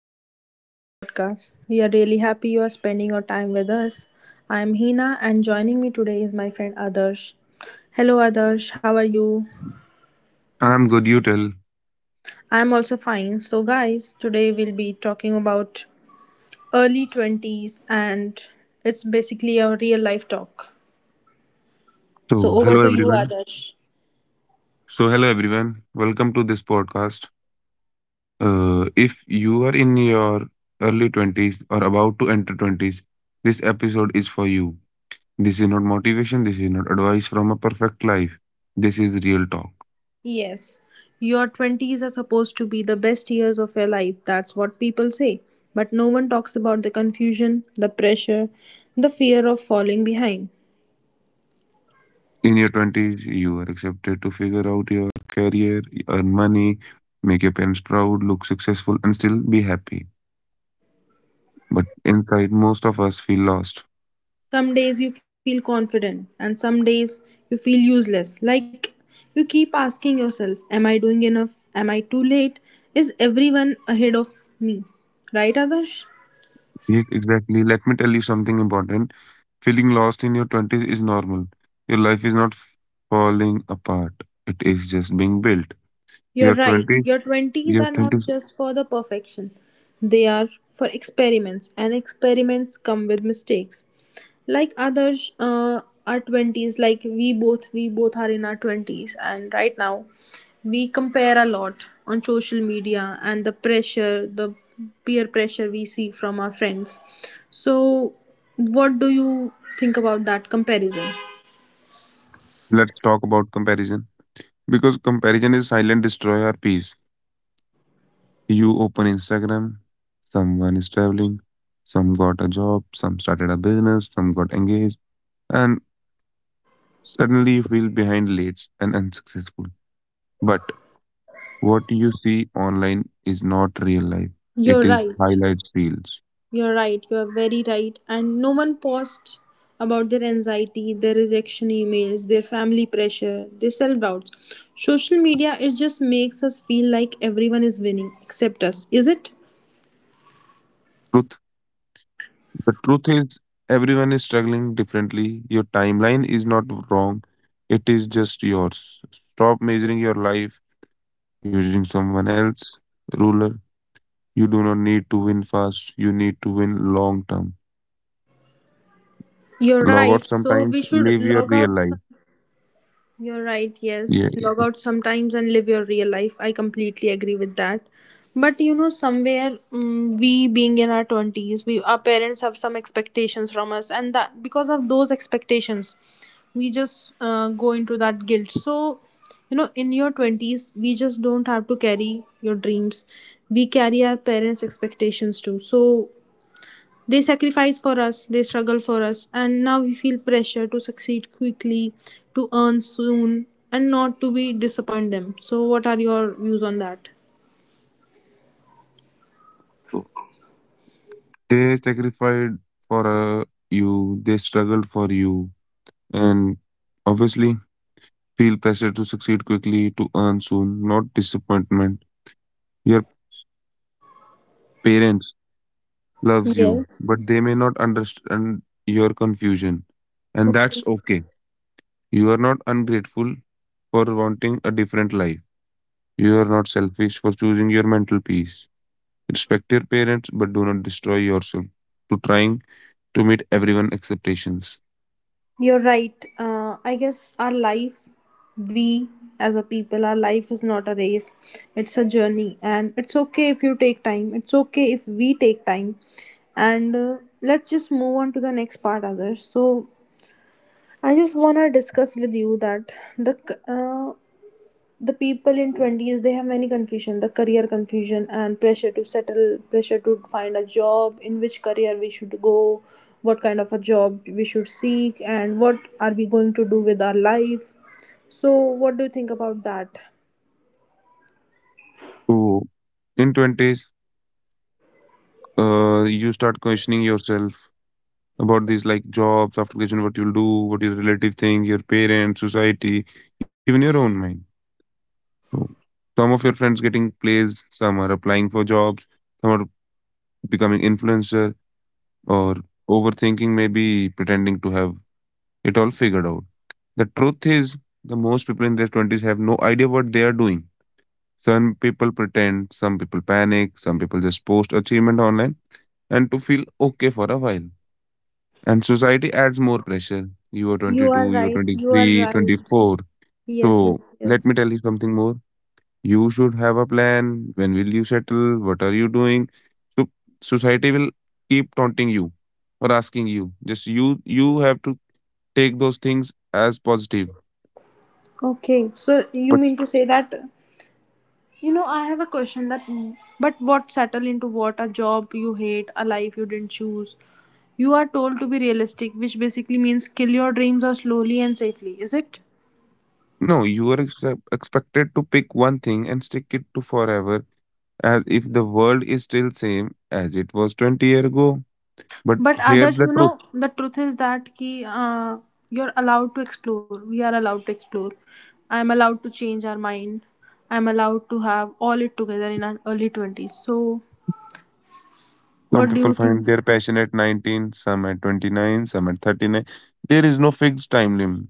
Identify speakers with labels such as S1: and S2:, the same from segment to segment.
S1: welcome to today's podcast. We are really happy you are spending your time with us. I am Hina, and joining me today is my friend Adarsh. Hello, Adarsh, how are you?
S2: I'm good, you tell.
S1: I am also fine. So, guys, today we'll be talking about early 20s, and it's basically a real life talk. So,
S2: So,
S1: over
S2: hello
S1: to you,
S2: everyone.
S1: Adarsh.
S2: So, hello everyone. Welcome to this podcast. If you are in your early 20s or about to enter 20s, this episode is for you. This is not motivation, this is not advice from a perfect life. This is real talk.
S1: Yes, your 20s are supposed to be the best years of your life. That's what people say. But no one talks about the confusion, the pressure, the fear of falling behind.
S2: In your 20s, you are accepted to figure out your career, earn money, make your parents proud, look successful, and still be happy. But inside, most of us feel lost.
S1: Some days you feel confident, and some days you feel useless. Like you keep asking yourself, am I doing enough? Am I too late? Is everyone ahead of me? Right, Adarsh?
S2: Yes, exactly. Let me tell you something important. Feeling lost in your 20s is normal. Your life is not falling apart, it is just being built.
S1: You're
S2: Your
S1: right.
S2: 20s,
S1: Your 20s are
S2: your
S1: not
S2: 20s,
S1: just for the perfection. They are for experiments and experiments come with mistakes. Like others, our 20s, like we both are in our 20s and right now we compare a lot on social media and the pressure, the peer pressure we see from our friends. So what do you think about that comparison?
S2: let's talk about comparison. Because comparison is silent destroy our peace. You open Instagram, someone is traveling, some got a job, some started a business, some got engaged, and suddenly you feel behind, late, and unsuccessful. But what you see online is not real life,
S1: You're
S2: it is
S1: right.
S2: highlight reels.
S1: You're right, you're very right. And no one posts about their anxiety, their rejection emails, their family pressure, their self doubts. Social media, it just makes us feel like everyone is winning except us, is it?
S2: Truth The truth is, everyone is struggling differently. Your timeline is not wrong, it is just yours. Stop measuring your life using someone else's ruler. You do not need to win fast, you need to win long term. Log out
S1: You're right.
S2: sometimes,
S1: So we
S2: live your
S1: should
S2: real
S1: log
S2: life.
S1: out. You're right,
S2: Yeah.
S1: yes. Log out sometimes and live your real life. I completely agree with that. But you know, somewhere we being in our 20s, we, our parents have some expectations from us, and that because of those expectations, we just go into that guilt. So, you know, in your 20s, we just don't have to carry your dreams. We carry our parents' expectations too. So, they sacrifice for us, they struggle for us, and now we feel pressure to succeed quickly, to earn soon, and not to be disappoint them. So, what are your views on that?
S2: So, they sacrificed for you, they struggled for you, and obviously feel pressure to succeed quickly, to earn soon, not disappointment. Your parents loves you, but they may not understand your confusion. And
S1: Okay,
S2: that's okay. You are not ungrateful for wanting a different life. You are not selfish for choosing your mental peace. Respect your parents, but do not destroy yourself to trying to meet everyone's expectations.
S1: you're right. I guess our life, we as a people, our life is not a race, it's a journey, and it's okay if you take time, it's okay if we take time, and let's just move on to the next part, others. So, I just want to discuss with you that the people in 20s, they have many confusion, the career confusion and pressure to settle, pressure to find a job, in which career we should go, what kind of a job we should seek, and what are we going to do with our life. So what do you think about that?
S2: So, in 20s, you start questioning yourself about these like jobs, after graduation, what you'll do, what your relative think, your parents, society, even your own mind. So some of your friends getting placed, some are applying for jobs, some are becoming influencer or overthinking, maybe pretending to have it all figured out. The truth is the most people in their 20s have no idea what they are doing. Some people pretend, some people panic, some people just post achievement online and to feel okay for a while. And society adds more pressure. You are
S1: You
S2: 22,
S1: are
S2: you are
S1: right. You are
S2: 23,
S1: right.
S2: 24.
S1: Yes,
S2: So
S1: yes,
S2: let me
S1: yes.
S2: tell you something more. You should have a plan. When will you settle? What are you doing? So society will keep taunting you or asking you. Just you have to take those things as positive.
S1: Okay, so you
S2: But
S1: mean to say that, you know, I have a question that, but what settle into what, a job you hate, a life you didn't choose. You are told to be realistic, which basically means kill your dreams or slowly and safely, is it?
S2: no, you are expected to pick one thing and stick it to forever, as if the world is still same as it was 20 years ago. But
S1: But
S2: here's
S1: others,
S2: the
S1: you
S2: truth.
S1: know, the truth is that you're allowed to explore. We are allowed to explore. I'm allowed to change our mind. I'm allowed to have all it together in our early 20s. So,
S2: Some
S1: what do
S2: people
S1: you think?
S2: find their passion at 19, some at 29, some at 39. There is no fixed time limit.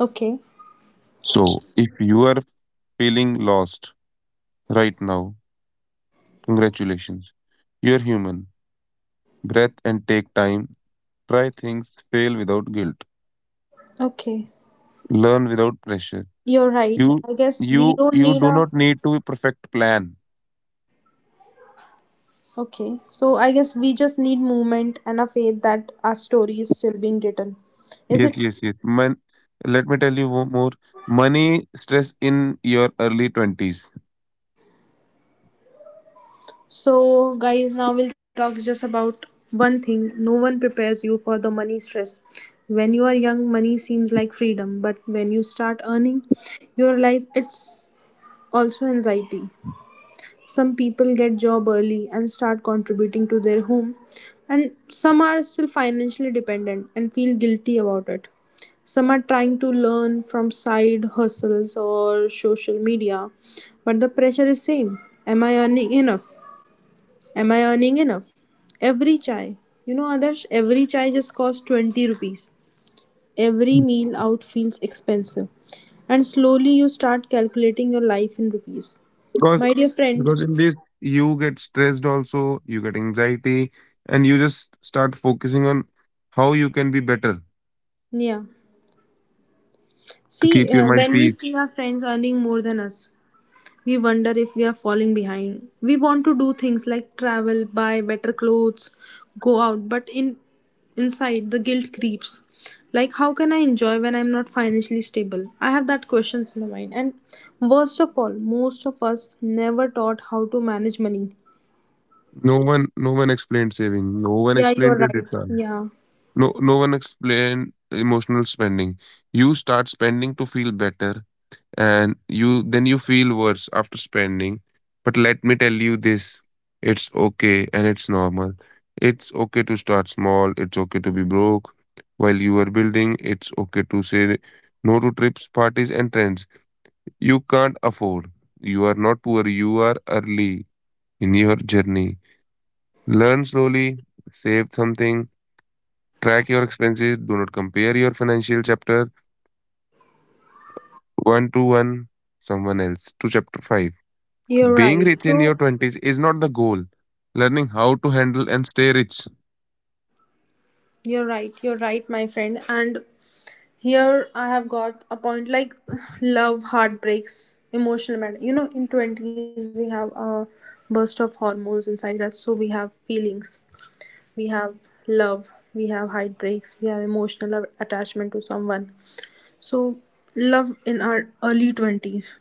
S1: Okay,
S2: So, if you are feeling lost right now, congratulations. You're human. Breath and take time. Try things, fail without guilt.
S1: okay.
S2: Learn without pressure.
S1: You're
S2: You
S1: right. I guess we
S2: you
S1: don't
S2: you
S1: need
S2: do
S1: a,
S2: not need to perfect plan.
S1: okay, so I guess we just need movement and a faith that our story is still being written. Is
S2: Yes,
S1: it?
S2: yes, yes. Man, let me tell you more. Money stress in your early 20s.
S1: So, guys, now we'll talk just about one thing. No one prepares you for the money stress. When you are young, money seems like freedom, but when you start earning, you realize it's also anxiety. Some people get job early and start contributing to their home, and some are still financially dependent and feel guilty about it. Some are trying to learn from side hustles or social media, but the pressure is same. Am I earning enough? Am I earning enough? Every chai, you know, Adarsh, every chai just costs 20 rupees. Every meal out feels expensive, and slowly you start calculating your life in rupees.
S2: because
S1: My dear friend,
S2: because in this you get stressed, also you get anxiety, and you just start focusing on how you can be better
S1: yeah,
S2: to
S1: see,
S2: keep your mind
S1: when we
S2: peace.
S1: see our friends earning more than us, we wonder if we are falling behind. We want to do things like travel, buy better clothes, go out, but in inside the guilt creeps. Like how can I enjoy when I'm not financially stable? I have that questions in my mind. And worst of all, most of us never taught how to manage money.
S2: No one explained saving, no one
S1: Yeah,
S2: explained
S1: you're
S2: credit
S1: right.
S2: card,
S1: Yeah.
S2: no one explained emotional spending. You start spending to feel better, and you then you feel worse after spending. But let me tell you this, it's okay and it's normal. It's okay to start small, it's okay to be broke while you are building. It's okay to say no to trips, parties, and trends you can't afford. You are not poor, you are early in your journey. Learn slowly, save something, track your expenses. Do not compare your financial chapter 1 to 1 someone else to chapter 5.
S1: You're
S2: Being
S1: right.
S2: rich in your
S1: So,
S2: 20s is not the goal. Learning how to handle and stay rich.
S1: you're right. You're right, my friend. And here I have got a point like love, heartbreaks, emotional matter. You know, in twenties we have a burst of hormones inside us, so we have feelings, we have love, we have heartbreaks, we have emotional attachment to someone. So, love in our early 20s.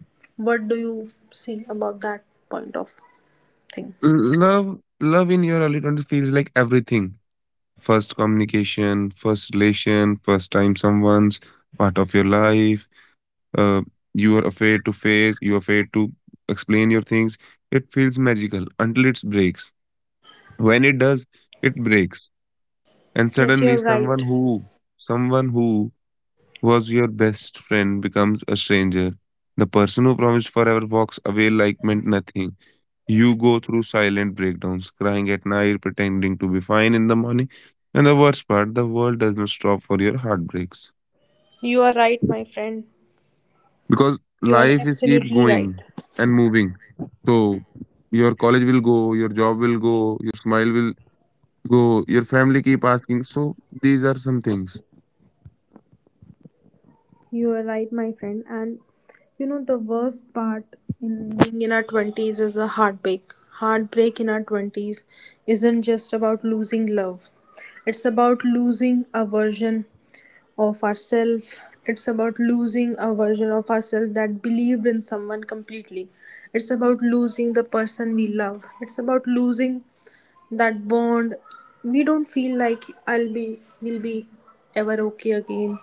S1: What do you say about that point of thing?
S2: L- love in your early 20s feels like everything. First communication, first relation, first time someone's part of your life. Uh, you are afraid to face, you are afraid to explain your things. It feels magical until it breaks. When it does, it breaks. And
S1: Yes,
S2: suddenly
S1: you're
S2: someone
S1: right.
S2: who someone who was your best friend becomes a stranger. The person who promised forever walks away like meant nothing. You go through silent breakdowns, crying at night, pretending to be fine in the morning. And the worst part, the world does not stop for your heartbreaks.
S1: You are right, my friend.
S2: Because
S1: You are
S2: life is keep
S1: absolutely right.
S2: going and moving. So your college will go, your job will go, your smile will go, your family keep asking. So these are some things.
S1: You are right, my friend. And you know the worst part in being in our twenties is the heartbreak. Heartbreak in our twenties isn't just about losing love. It's about losing a version of ourselves. It's about losing a version of ourselves that believed in someone completely. It's about losing the person we love. It's about losing that bond. We don't feel like I'll be will be ever okay again.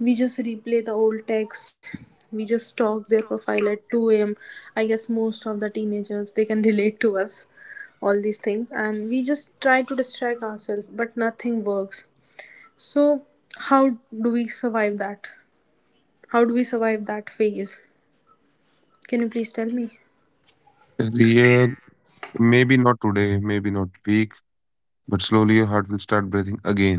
S1: We just replay the old text, we just stalk their profile at 2 a.m. I guess most of the teenagers they can relate to us all these things, and we just try to distract ourselves but nothing works. So how do we survive that? How do we survive that phase? Can you please tell me?
S2: Yeah, maybe not today, maybe not week, but slowly your heart will start breathing again.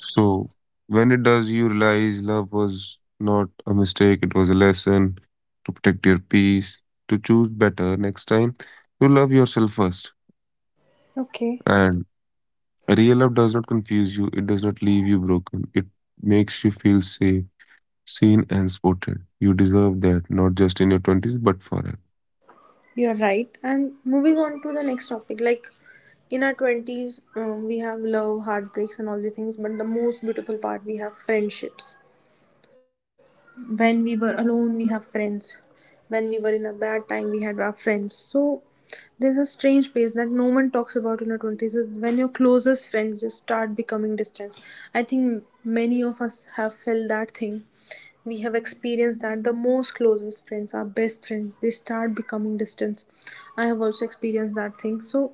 S2: So when it does, you realize love was not a mistake, it was a lesson to protect your peace, to choose better next time, to love yourself first.
S1: Okay,
S2: And real love does not confuse you, it does not leave you broken, it makes you feel safe, seen, and supported. You deserve that, not just in your 20s, but forever.
S1: you're right. And moving on to the next topic, like in our 20s, we have love, heartbreaks, and all the things, but the most beautiful part, we have friendships. When we were alone we have friends, when we were in a bad time we had our friends. So there's a strange pace that no one talks about in our 20s, is when your closest friends just start becoming distant. I think many of us have felt that thing. We have experienced that the most closest friends, our best friends, they start becoming distant. I have also experienced that thing. So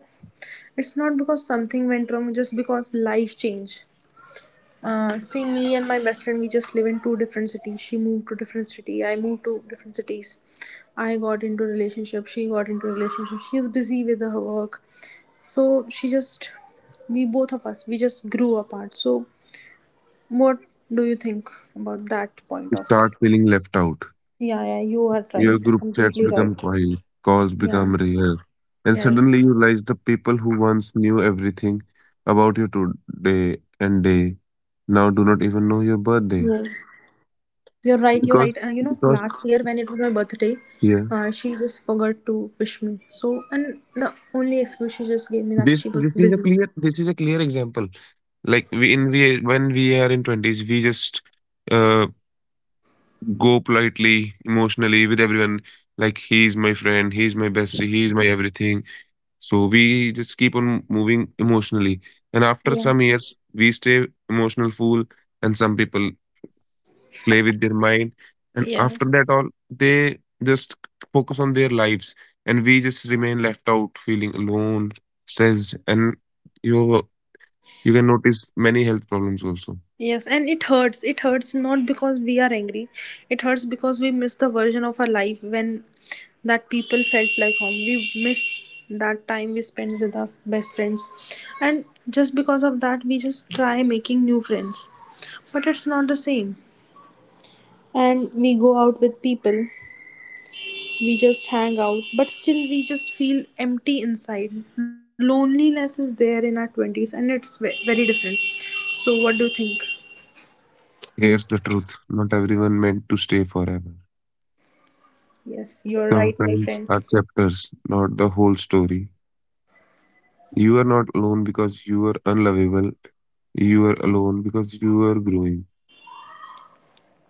S1: it's not because something went wrong, just because life changed. See, me and my best friend, we just live in two different cities. She moved to different city. I moved to different cities. I got into relationship. She got into relationship. She is busy with her work. So she just, we both of us, we just grew apart. So what do you think about that point
S2: You
S1: of?
S2: start feeling left out.
S1: Yeah, yeah, you are
S2: Your
S1: right.
S2: group chats
S1: Completely
S2: become
S1: right.
S2: quiet, calls
S1: Yeah.
S2: become rare, and
S1: Yes.
S2: suddenly you realize the people who once knew everything about you today and day now do not
S1: Yes.
S2: even know your birthday.
S1: You're right, you're right. You know,
S2: because
S1: last year when
S2: because
S1: it was my birthday,
S2: yeah,
S1: she just forgot to wish me. So, and the only excuse she just gave me that she was busy.
S2: this is a clear example. Like, we in we when we are in 20s, we just uh go politely, emotionally, with everyone. Like, he's my friend, he's my bestie, he's my everything. So we just keep on moving emotionally. And after
S1: Yeah.
S2: some years, we stay emotional fool, and some people play with their mind. And after
S1: Yes.
S2: that, all they just focus on their lives, and we just remain left out, feeling alone, stressed, and you you can notice many health problems also.
S1: Yes, and it hurts. It hurts not because we are angry. It hurts because we miss the version of our life when that people felt like home. We miss that time we spend with our best friends. And just because of that, we just try making new friends. But it's not the same. And we go out with people, we just hang out, but still we just feel empty inside. Loneliness is there in our 20s and it's very different. So what do you think?
S2: Here's the truth: not everyone meant to stay forever.
S1: Yes, you're right, my
S2: Sometimes
S1: friend.
S2: our chapters, not the whole story. You are not alone because you are unlovable. You are alone because you are growing.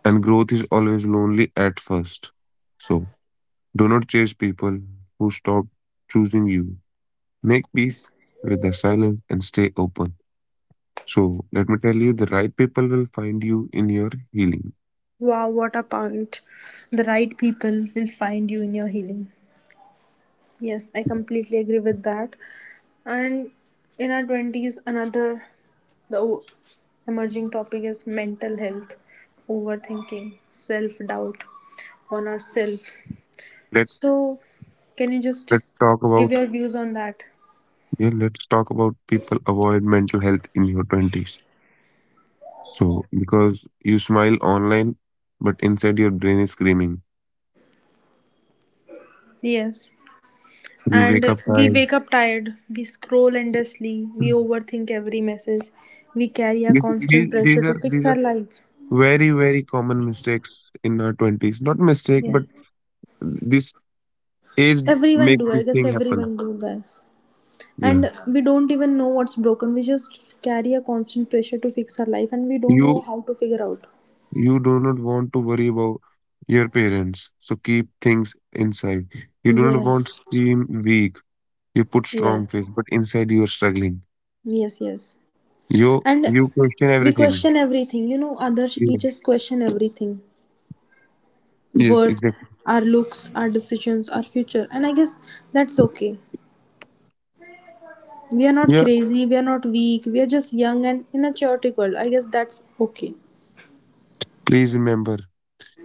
S2: And growth is always lonely at first. So do not chase people who stop choosing you. Make peace with their silence and stay open. So let me tell you the right people will find you in your healing.
S1: Wow, what a point. The right people will find you in your healing. Yes, I completely agree with that. And in our 20s, another the o- emerging topic is mental health, overthinking, self doubt on ourselves.
S2: Let
S1: So, can you just
S2: let's talk
S1: give
S2: about
S1: your views on that?
S2: yeah, let's talk about people avoid mental health in your twenties. So because you smile online, but inside your brain is screaming.
S1: Yes.
S2: You wake
S1: And
S2: up
S1: we
S2: tired.
S1: wake up tired, we scroll endlessly, we overthink every message, we carry a constant pressure to fix
S2: These
S1: our
S2: are
S1: life.
S2: very very common mistakes in our twenties. Not mistake, but
S1: Yes.
S2: this age
S1: Everyone
S2: make
S1: do, I
S2: this
S1: guess
S2: thing happen.
S1: everyone do this. And
S2: Yeah.
S1: we don't even know what's broken. We just carry a constant pressure to fix our life and we don't know
S2: You
S1: how to figure out.
S2: you do not want to worry about your parents, so keep things inside. You do not want
S1: Yes.
S2: to seem weak. You put
S1: Yes.
S2: strong face, but inside you are struggling.
S1: Yes, yes.
S2: You
S1: And
S2: you question
S1: we
S2: everything.
S1: question everything. You know, others we
S2: Yeah.
S1: just question everything.
S2: Yes,
S1: Worth,
S2: exactly.
S1: our looks, our decisions, our future. And I guess that's okay. We are not
S2: Yeah.
S1: crazy, we are not weak, we are just young and in a chaotic world. I guess that's okay.
S2: Please remember,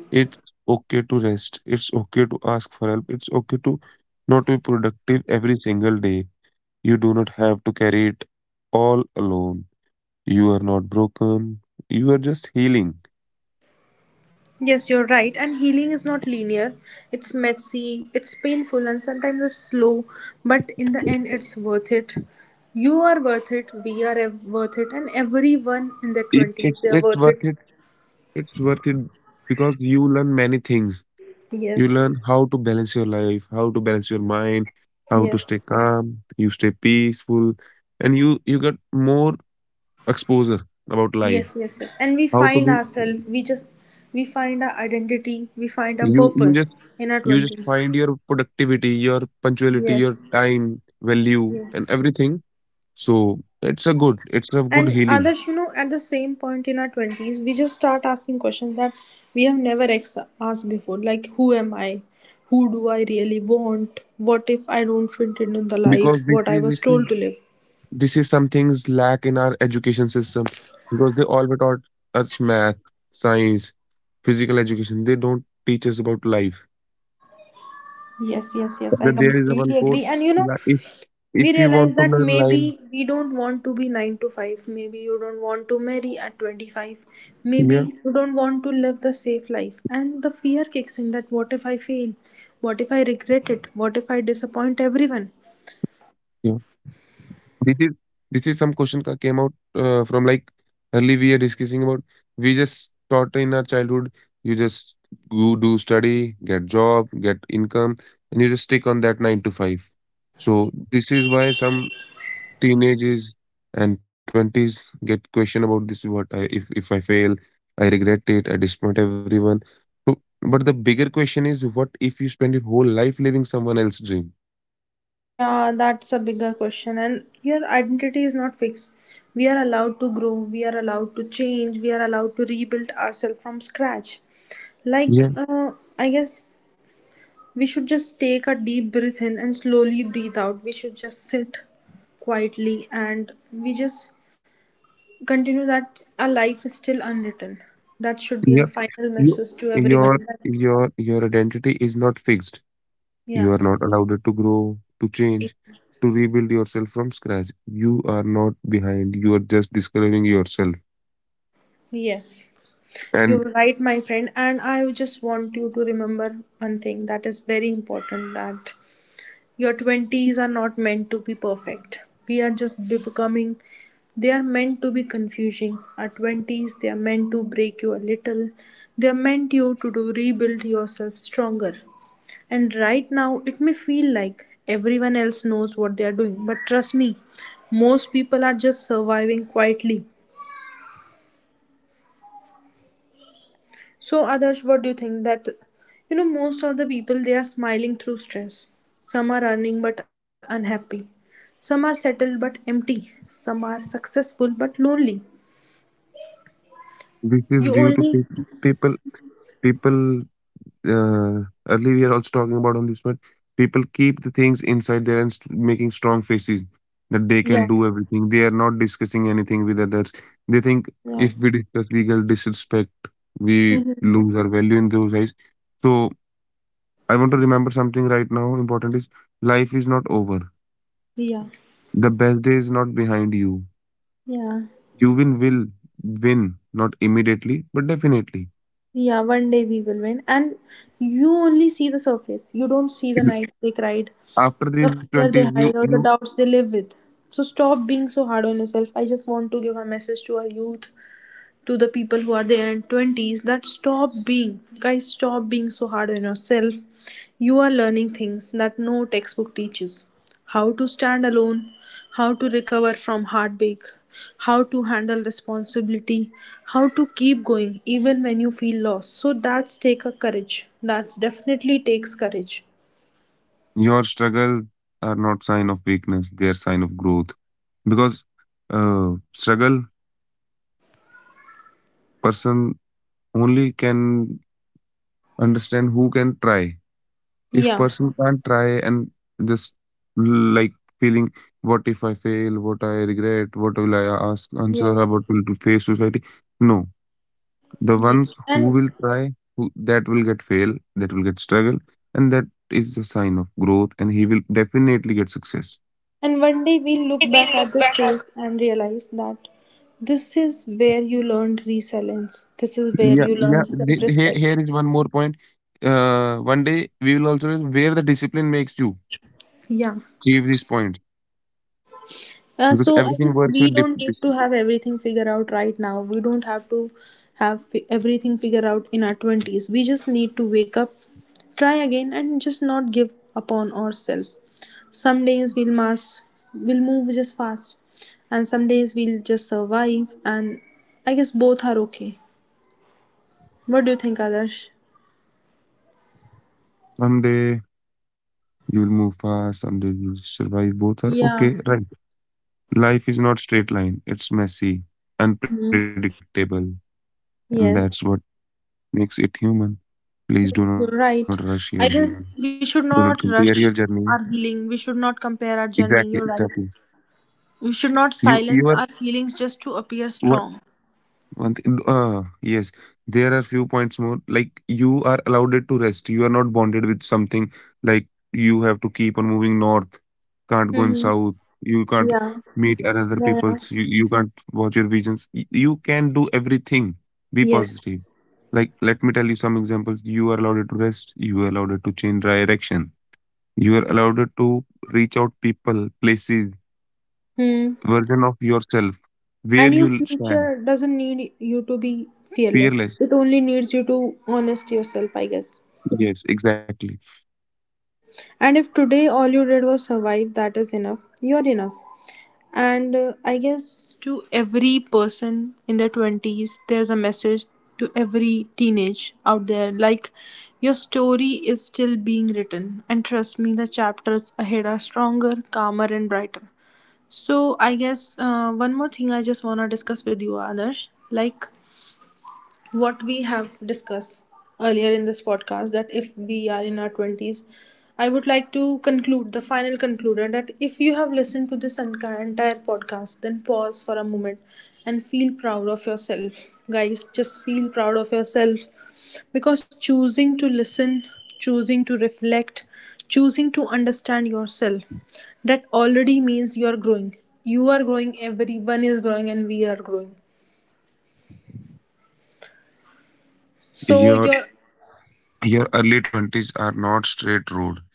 S2: it's okay to rest. It's okay to ask for help. It's okay to not be productive every single day. You do not have to carry it all alone. You are not broken. You are just healing.
S1: Yes, you're right. And healing is not linear. It's messy, it's painful, and sometimes it's slow. But in the end, it's worth it. You are worth it. We are worth it. And everyone in their
S2: It,
S1: 20s,
S2: it's
S1: they are
S2: it's
S1: worth
S2: worth
S1: it.
S2: it. It's worth it because you learn many things. You
S1: Yes.
S2: learn how to balance your life, how to balance your mind, how to stay
S1: Yes.
S2: calm. You stay peaceful, and you get more exposure about life.
S1: Yes, yes, yes. And we
S2: How to
S1: find
S2: be
S1: ourselves, we just, we find our identity, we find our
S2: you
S1: purpose in our
S2: you just
S1: 20s.
S2: find your productivity, your punctuality, your
S1: Yes,
S2: time value, and
S1: yes.
S2: everything. So it's a good
S1: And
S2: healing
S1: others, you know, at the same point in our 20s, we just start asking questions that we have never asked before. Like, who am I? Who do I really want? What if I don't fit in the
S2: because
S1: life what I was told to live?
S2: this is some things lack in our education system because they always taught us math, science, physical education. They don't teach us about life.
S1: Yes, yes, yes.
S2: But
S1: I
S2: there is a
S1: completely
S2: one quote:
S1: agree. And you know,
S2: li- "If
S1: we
S2: if you want
S1: realize
S2: to
S1: that
S2: learn life,
S1: maybe we don't want to be 9 to 5, maybe you don't want to marry at 25, maybe
S2: yeah,
S1: you don't want to live the safe life and the fear kicks in. That what if I fail, what if I regret it, what if I disappoint everyone?
S2: yeah." This is this is some question that came out from like early we are discussing about. We just taught in our childhood. You just go do study, get job, get income, and you just stick on that nine to five. So this is why some teenagers and 20s get question about this, what I if I fail, I regret it, I disappoint everyone. So, but the bigger question is, what if you spend your whole life living someone else's dream?
S1: Yeah, that's a bigger question. And your identity is not fixed. We are allowed to grow, we are allowed to change, we are allowed to rebuild ourselves from scratch. like
S2: Yeah,
S1: uh, I guess we should just take a deep breath in and slowly breathe out. We should just sit quietly and we just continue that our life is still unwritten. That should be
S2: yeah.
S1: our final
S2: You,
S1: message to
S2: your
S1: everyone.
S2: your identity is not fixed. You are
S1: Yeah.
S2: not allowed to grow, to change, to rebuild yourself from scratch. You are not behind. You are just discovering yourself,
S1: Yes, you're
S2: and
S1: right, my friend. And I just want you to remember one thing that is very important, that your 20s are not meant to be perfect. We are just becoming, they are meant to be confusing. Our 20s, they are meant to break you a little. They are meant you to do, rebuild yourself stronger. And right now, it may feel like everyone else knows what they are doing, but trust me, most people are just surviving quietly. So, Adarsh, what do you think that, you know, most of the people, they are smiling through stress. Some are earning but unhappy. Some are settled but empty. Some are successful but lonely.
S2: this
S1: You
S2: is due to
S1: only
S2: people people uh, earlier we are also talking about on this one. People keep the things inside there and making strong faces that they can
S1: yeah
S2: do everything. They are not discussing anything with others. They think
S1: yeah
S2: if we discuss we get disrespect, we lose our value in those eyes. So I want to remember something right now important is life is not over.
S1: yeah
S2: The best day is not behind you.
S1: yeah
S2: You win will win, not immediately but definitely.
S1: yeah One day we will win. And you only see the surface. You don't see the nights they cried,
S2: After these
S1: the
S2: 20s,
S1: fear they hide or the doubts they live with. So stop being so hard on yourself. I just want to give a message to our youth, to the people who are there in 20s, that stop being, guys, stop being so hard on yourself. You are learning things that no textbook teaches: how to stand alone, how to recover from heartbreak, how to handle responsibility, how to keep going even when you feel lost. So that's take a courage, that's definitely takes courage.
S2: your struggle are not sign of weakness, they're sign of growth. Because struggle person only can understand who can try. If
S1: Yeah,
S2: person can't try and just l- like feeling what if I fail, what I regret, what will I ask answer
S1: yeah,
S2: about will to face society. No, the ones
S1: yes.
S2: who will try, who that will get fail, that will get struggle, and that is the sign of growth and he will definitely get success.
S1: And one day we'll look
S2: We'll
S1: back at
S2: look
S1: this
S2: back at.
S1: phase and realize that this is where you learned resilience. This is where
S2: Yeah,
S1: you
S2: yeah.
S1: learned self
S2: Here,
S1: respect.
S2: here is one more point. One day we will also where the discipline makes you
S1: Yeah.
S2: achieve this point
S1: Uh,
S2: because
S1: so I
S2: everything
S1: guess
S2: works
S1: we
S2: with
S1: don't need to have everything figured out right now. We don't have to have everything figured out in our 20s. We just need to wake up, try again, and just not give up on ourselves. Some days we'll move just fast, and some days we'll just survive. And I guess both are okay. What do you think, Adarsh?
S2: Someday you'll move fast, someday you'll survive. Both are okay,
S1: Yeah.
S2: right? Life is not straight line. It's messy,
S1: Mhm.
S2: unpredictable, and that's what
S1: Yes.
S2: makes it human. Please do not rush
S1: Yes,
S2: your
S1: you're
S2: healing.
S1: right. I
S2: Do not
S1: guess we
S2: compare
S1: should
S2: your
S1: not
S2: journey.
S1: rush our healing. We should not compare our
S2: Exactly,
S1: journey. You're
S2: exactly.
S1: right. We should not
S2: You are
S1: silence our feelings just to appear strong.
S2: One thing, yes, there are few points more. Like you are allowed to rest. You are not bonded with something. Like you have to keep on moving north. Can't go in south.
S1: Mm-hmm.
S2: You can't
S1: Yeah.
S2: meet another
S1: Yeah.
S2: people's.
S1: Yeah.
S2: You can't watch your visions. You can do everything. Be
S1: Yes.
S2: positive. Like let me tell you some examples. You are allowed to rest. You are allowed to change direction. You are allowed to reach out people, places,
S1: Hmm.
S2: version of yourself,
S1: And your
S2: where you
S1: future
S2: stand,
S1: doesn't need you to be fearless. It
S2: fearless.
S1: only needs you to honest yourself, I guess.
S2: Yes, exactly.
S1: And if today all you did was survive, that is enough. You're enough. And I guess to every person in their 20s, there's a message, to every teenage out there, like, your story is still being written. And trust me, the chapters ahead are stronger, calmer, and brighter. So, I guess one more thing I just want to discuss with you, Adarsh. Like, what we have discussed earlier in this podcast, that if we are in our 20s, I would like to conclude the final concluder that if you have listened to this entire podcast, then pause for a moment and feel proud of yourself, guys. Just feel proud of yourself, because choosing to listen, choosing to reflect, choosing to understand yourself, that already means you are growing. You are growing, everyone is growing, and we are growing. So your,
S2: Your your early twenties are not straight road.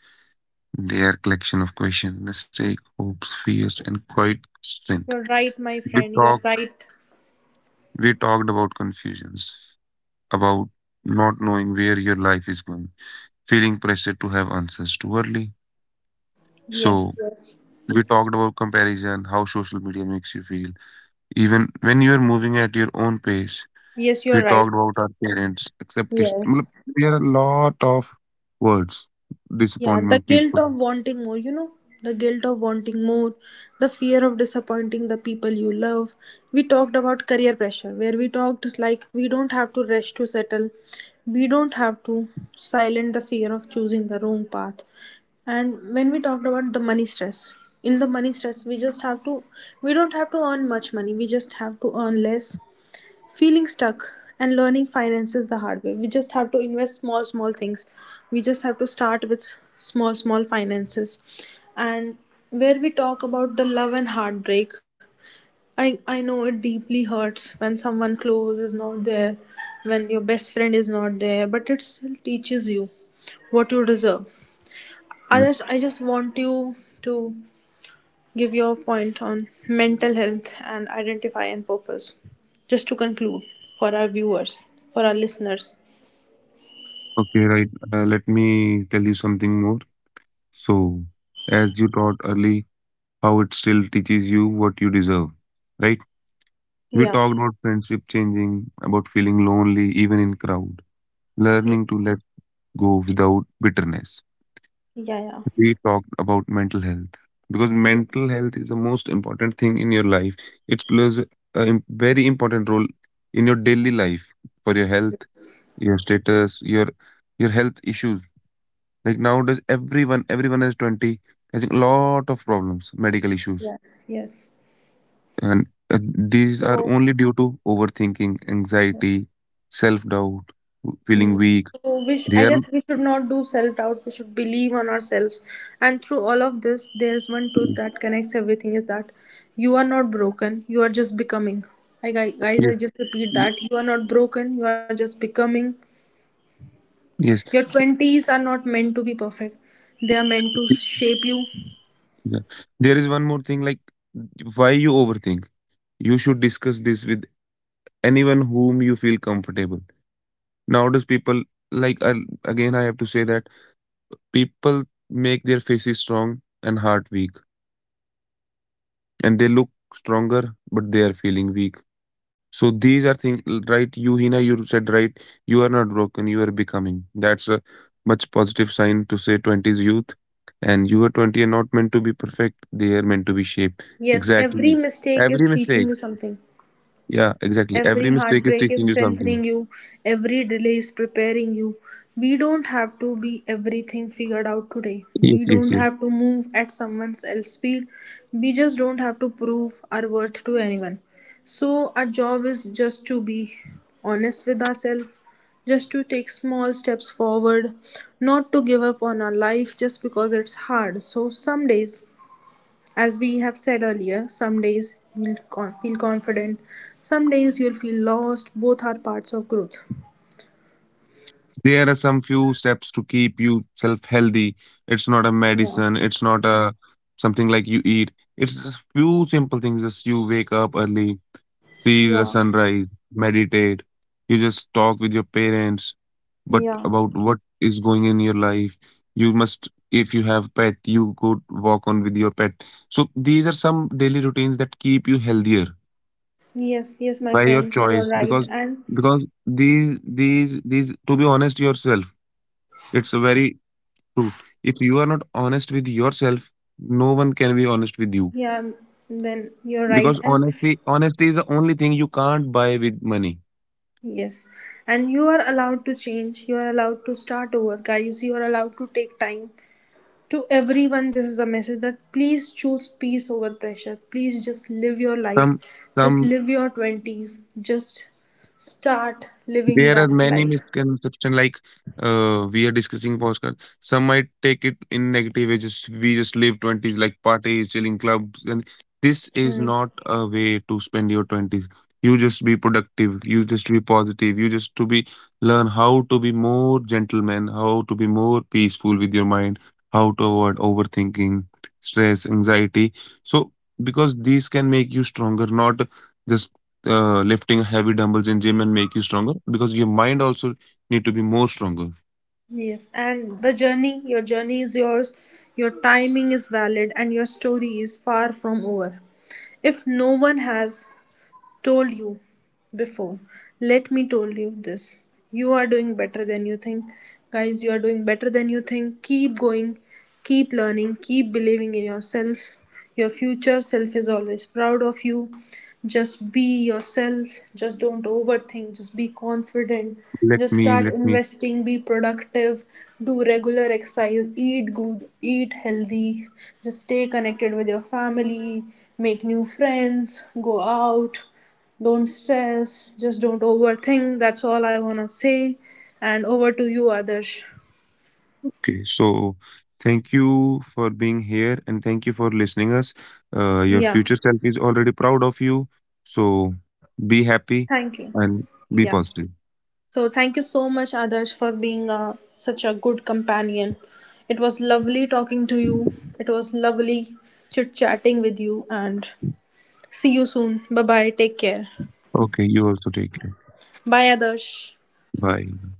S2: They are collection of questions, mistakes, hopes, fears, and quite strength.
S1: you're right, my
S2: We
S1: friend. You're
S2: talked
S1: right.
S2: we talked about confusions, about not knowing where your life is going, feeling pressure to have answers too early. So
S1: Yes, yes.
S2: we talked about comparison, how social media makes you feel. Even when you are moving at your own pace,
S1: Yes,
S2: we
S1: you're right.
S2: talked about our parents, acceptation.
S1: Yes.
S2: मतलब, there are a lot of words.
S1: Yeah, the
S2: Disappointment
S1: guilt
S2: people.
S1: of wanting more, the guilt of wanting more, the fear of disappointing the people you love. We talked about career pressure, where we talked like we don't have to rush to settle, we don't have to silence the fear of choosing the wrong path. And when we talked about the money stress, in the money stress, we just have to, we don't have to earn much money, we just have to earn less, feeling stuck and learning finances the hard way. We just have to invest small small things, we just have to start with small small finances. And where we talk about the love and heartbreak, I know it deeply hurts when someone close is not there, when your best friend is not there, but it still teaches you what you deserve. Others, I just want you to give your point on mental health and identify and purpose. Just to conclude, for our viewers, for our listeners.
S2: Okay, right. Let me tell you something more. So, as you taught early, how it still teaches you what you deserve, right?
S1: Yeah.
S2: We talked about friendship changing, about feeling lonely even in crowd,
S1: Yeah.
S2: learning to let go without bitterness.
S1: Yeah.
S2: We talked about mental health because
S1: Yeah.
S2: mental health is the most important thing in your life. It plays a very important role in your daily life, for your health,
S1: Yes.
S2: your status, your health issues. Like nowadays, everyone, everyone is 20, has a lot of problems, medical issues.
S1: Yes. Yes.
S2: And these are
S1: So,
S2: only due to overthinking, anxiety, self doubt,
S1: hmm.
S2: feeling weak.
S1: so we sh-
S2: They
S1: I
S2: are,
S1: guess we should not do self doubt. We should believe on ourselves. And through all of this, there's one truth that connects everything, is that you are not broken. You are just becoming. I, guys,
S2: yes,
S1: I just repeat
S2: ye-
S1: that you are not broken. You are just becoming.
S2: yes.
S1: Your 20s are not meant to be perfect, they are meant to shape you.
S2: Yeah. There is one more thing like why you overthink. You should discuss this with anyone whom you feel comfortable. Nowadays, people like, again, I have to say that people make their faces strong and heart weak, and they look stronger, but they are feeling weak. So these are things, right? You, Hina, you said right. You are not broken. You are becoming. That's a much positive sign to say 20s youth, and you are 20 are not meant to be perfect. They are meant to be shaped.
S1: Yes, every
S2: Exactly.
S1: mistake
S2: Every
S1: is
S2: mistake.
S1: teaching you something.
S2: Yeah, exactly. Every
S1: Every
S2: mistake is
S1: heartbreak
S2: teaching
S1: is
S2: you something.
S1: strengthening you, every delay is preparing you. We don't have to be everything figured out today.
S2: Yes,
S1: We
S2: yes,
S1: don't
S2: yes.
S1: have to move at someone else's speed. We just don't have to prove our worth to anyone. So, our job is just to be honest with ourselves, just to take small steps forward, not to give up on our life just because it's hard. So, some days, as we have said earlier, some days you'll feel confident, some days you'll feel lost. Both are parts of growth.
S2: There are some few steps to keep you self healthy. It's not a medicine. It's
S1: Yeah,
S2: not a something like you eat. It's just few simple things. Just you wake up early, see the
S1: yeah,
S2: sunrise, meditate. You just talk with your parents, but about
S1: yeah.
S2: what is going in your life. You must, if you have pet, you go walk on with your pet. So these are some daily routines that keep you healthier
S1: Yes, yes,
S2: by
S1: my
S2: your
S1: friends, you
S2: choice.
S1: are
S2: Because
S1: right. And
S2: these to be honest yourself, it's very true. If you are not honest with yourself, no one can be honest with you
S1: yeah, then you're right.
S2: because
S1: And
S2: honesty is the only thing you can't buy with money.
S1: yes, and you are allowed to change. You are allowed to start over, guys. You are allowed to take time. To everyone, this is a message that please choose peace over pressure. Please just live your life,
S2: Some
S1: just
S2: some
S1: live your 20s, just start living
S2: there are
S1: that
S2: many
S1: life.
S2: misconceptions like we are discussing Oscar. Some might take it in negative way, just we just live twenties like parties, chilling clubs, and this is
S1: Mm,
S2: not a way to spend your twenties. You just be productive, you just be positive, you just to be learn how to be more gentleman, how to be more peaceful with your mind, how to avoid overthinking, stress, anxiety. So because these can make you stronger, not just lifting heavy dumbbells in gym and make you stronger because your mind also need to be more stronger.
S1: yes, and the journey, your journey is yours. Your timing is valid and your story is far from over. If no one has told you before, let me told you this: you are doing better than you think. Guys, you are doing better than you think. Keep going, keep learning, keep believing in yourself. Your future self is always proud of you. Just be yourself. Just don't overthink. Just be confident.
S2: let
S1: Just
S2: me
S1: start
S2: Let me
S1: investing, be productive, do regular exercise, eat good, eat healthy. Just stay connected with your family, make new friends, go out, don't stress, just don't overthink. That's all I want to say. And over to you, Adarsh.
S2: Okay, so thank you for being here and thank you for listening us. Your
S1: Yeah,
S2: future self is already proud of you. So be happy
S1: thank you.
S2: and
S1: Yeah.
S2: be positive.
S1: So thank you so much, Adarsh, for being such a good companion. It was lovely talking to you. It was lovely chit chatting with you. And see you soon. Bye bye. Take care.
S2: Okay, you also take care.
S1: Bye, Adarsh.
S2: Bye.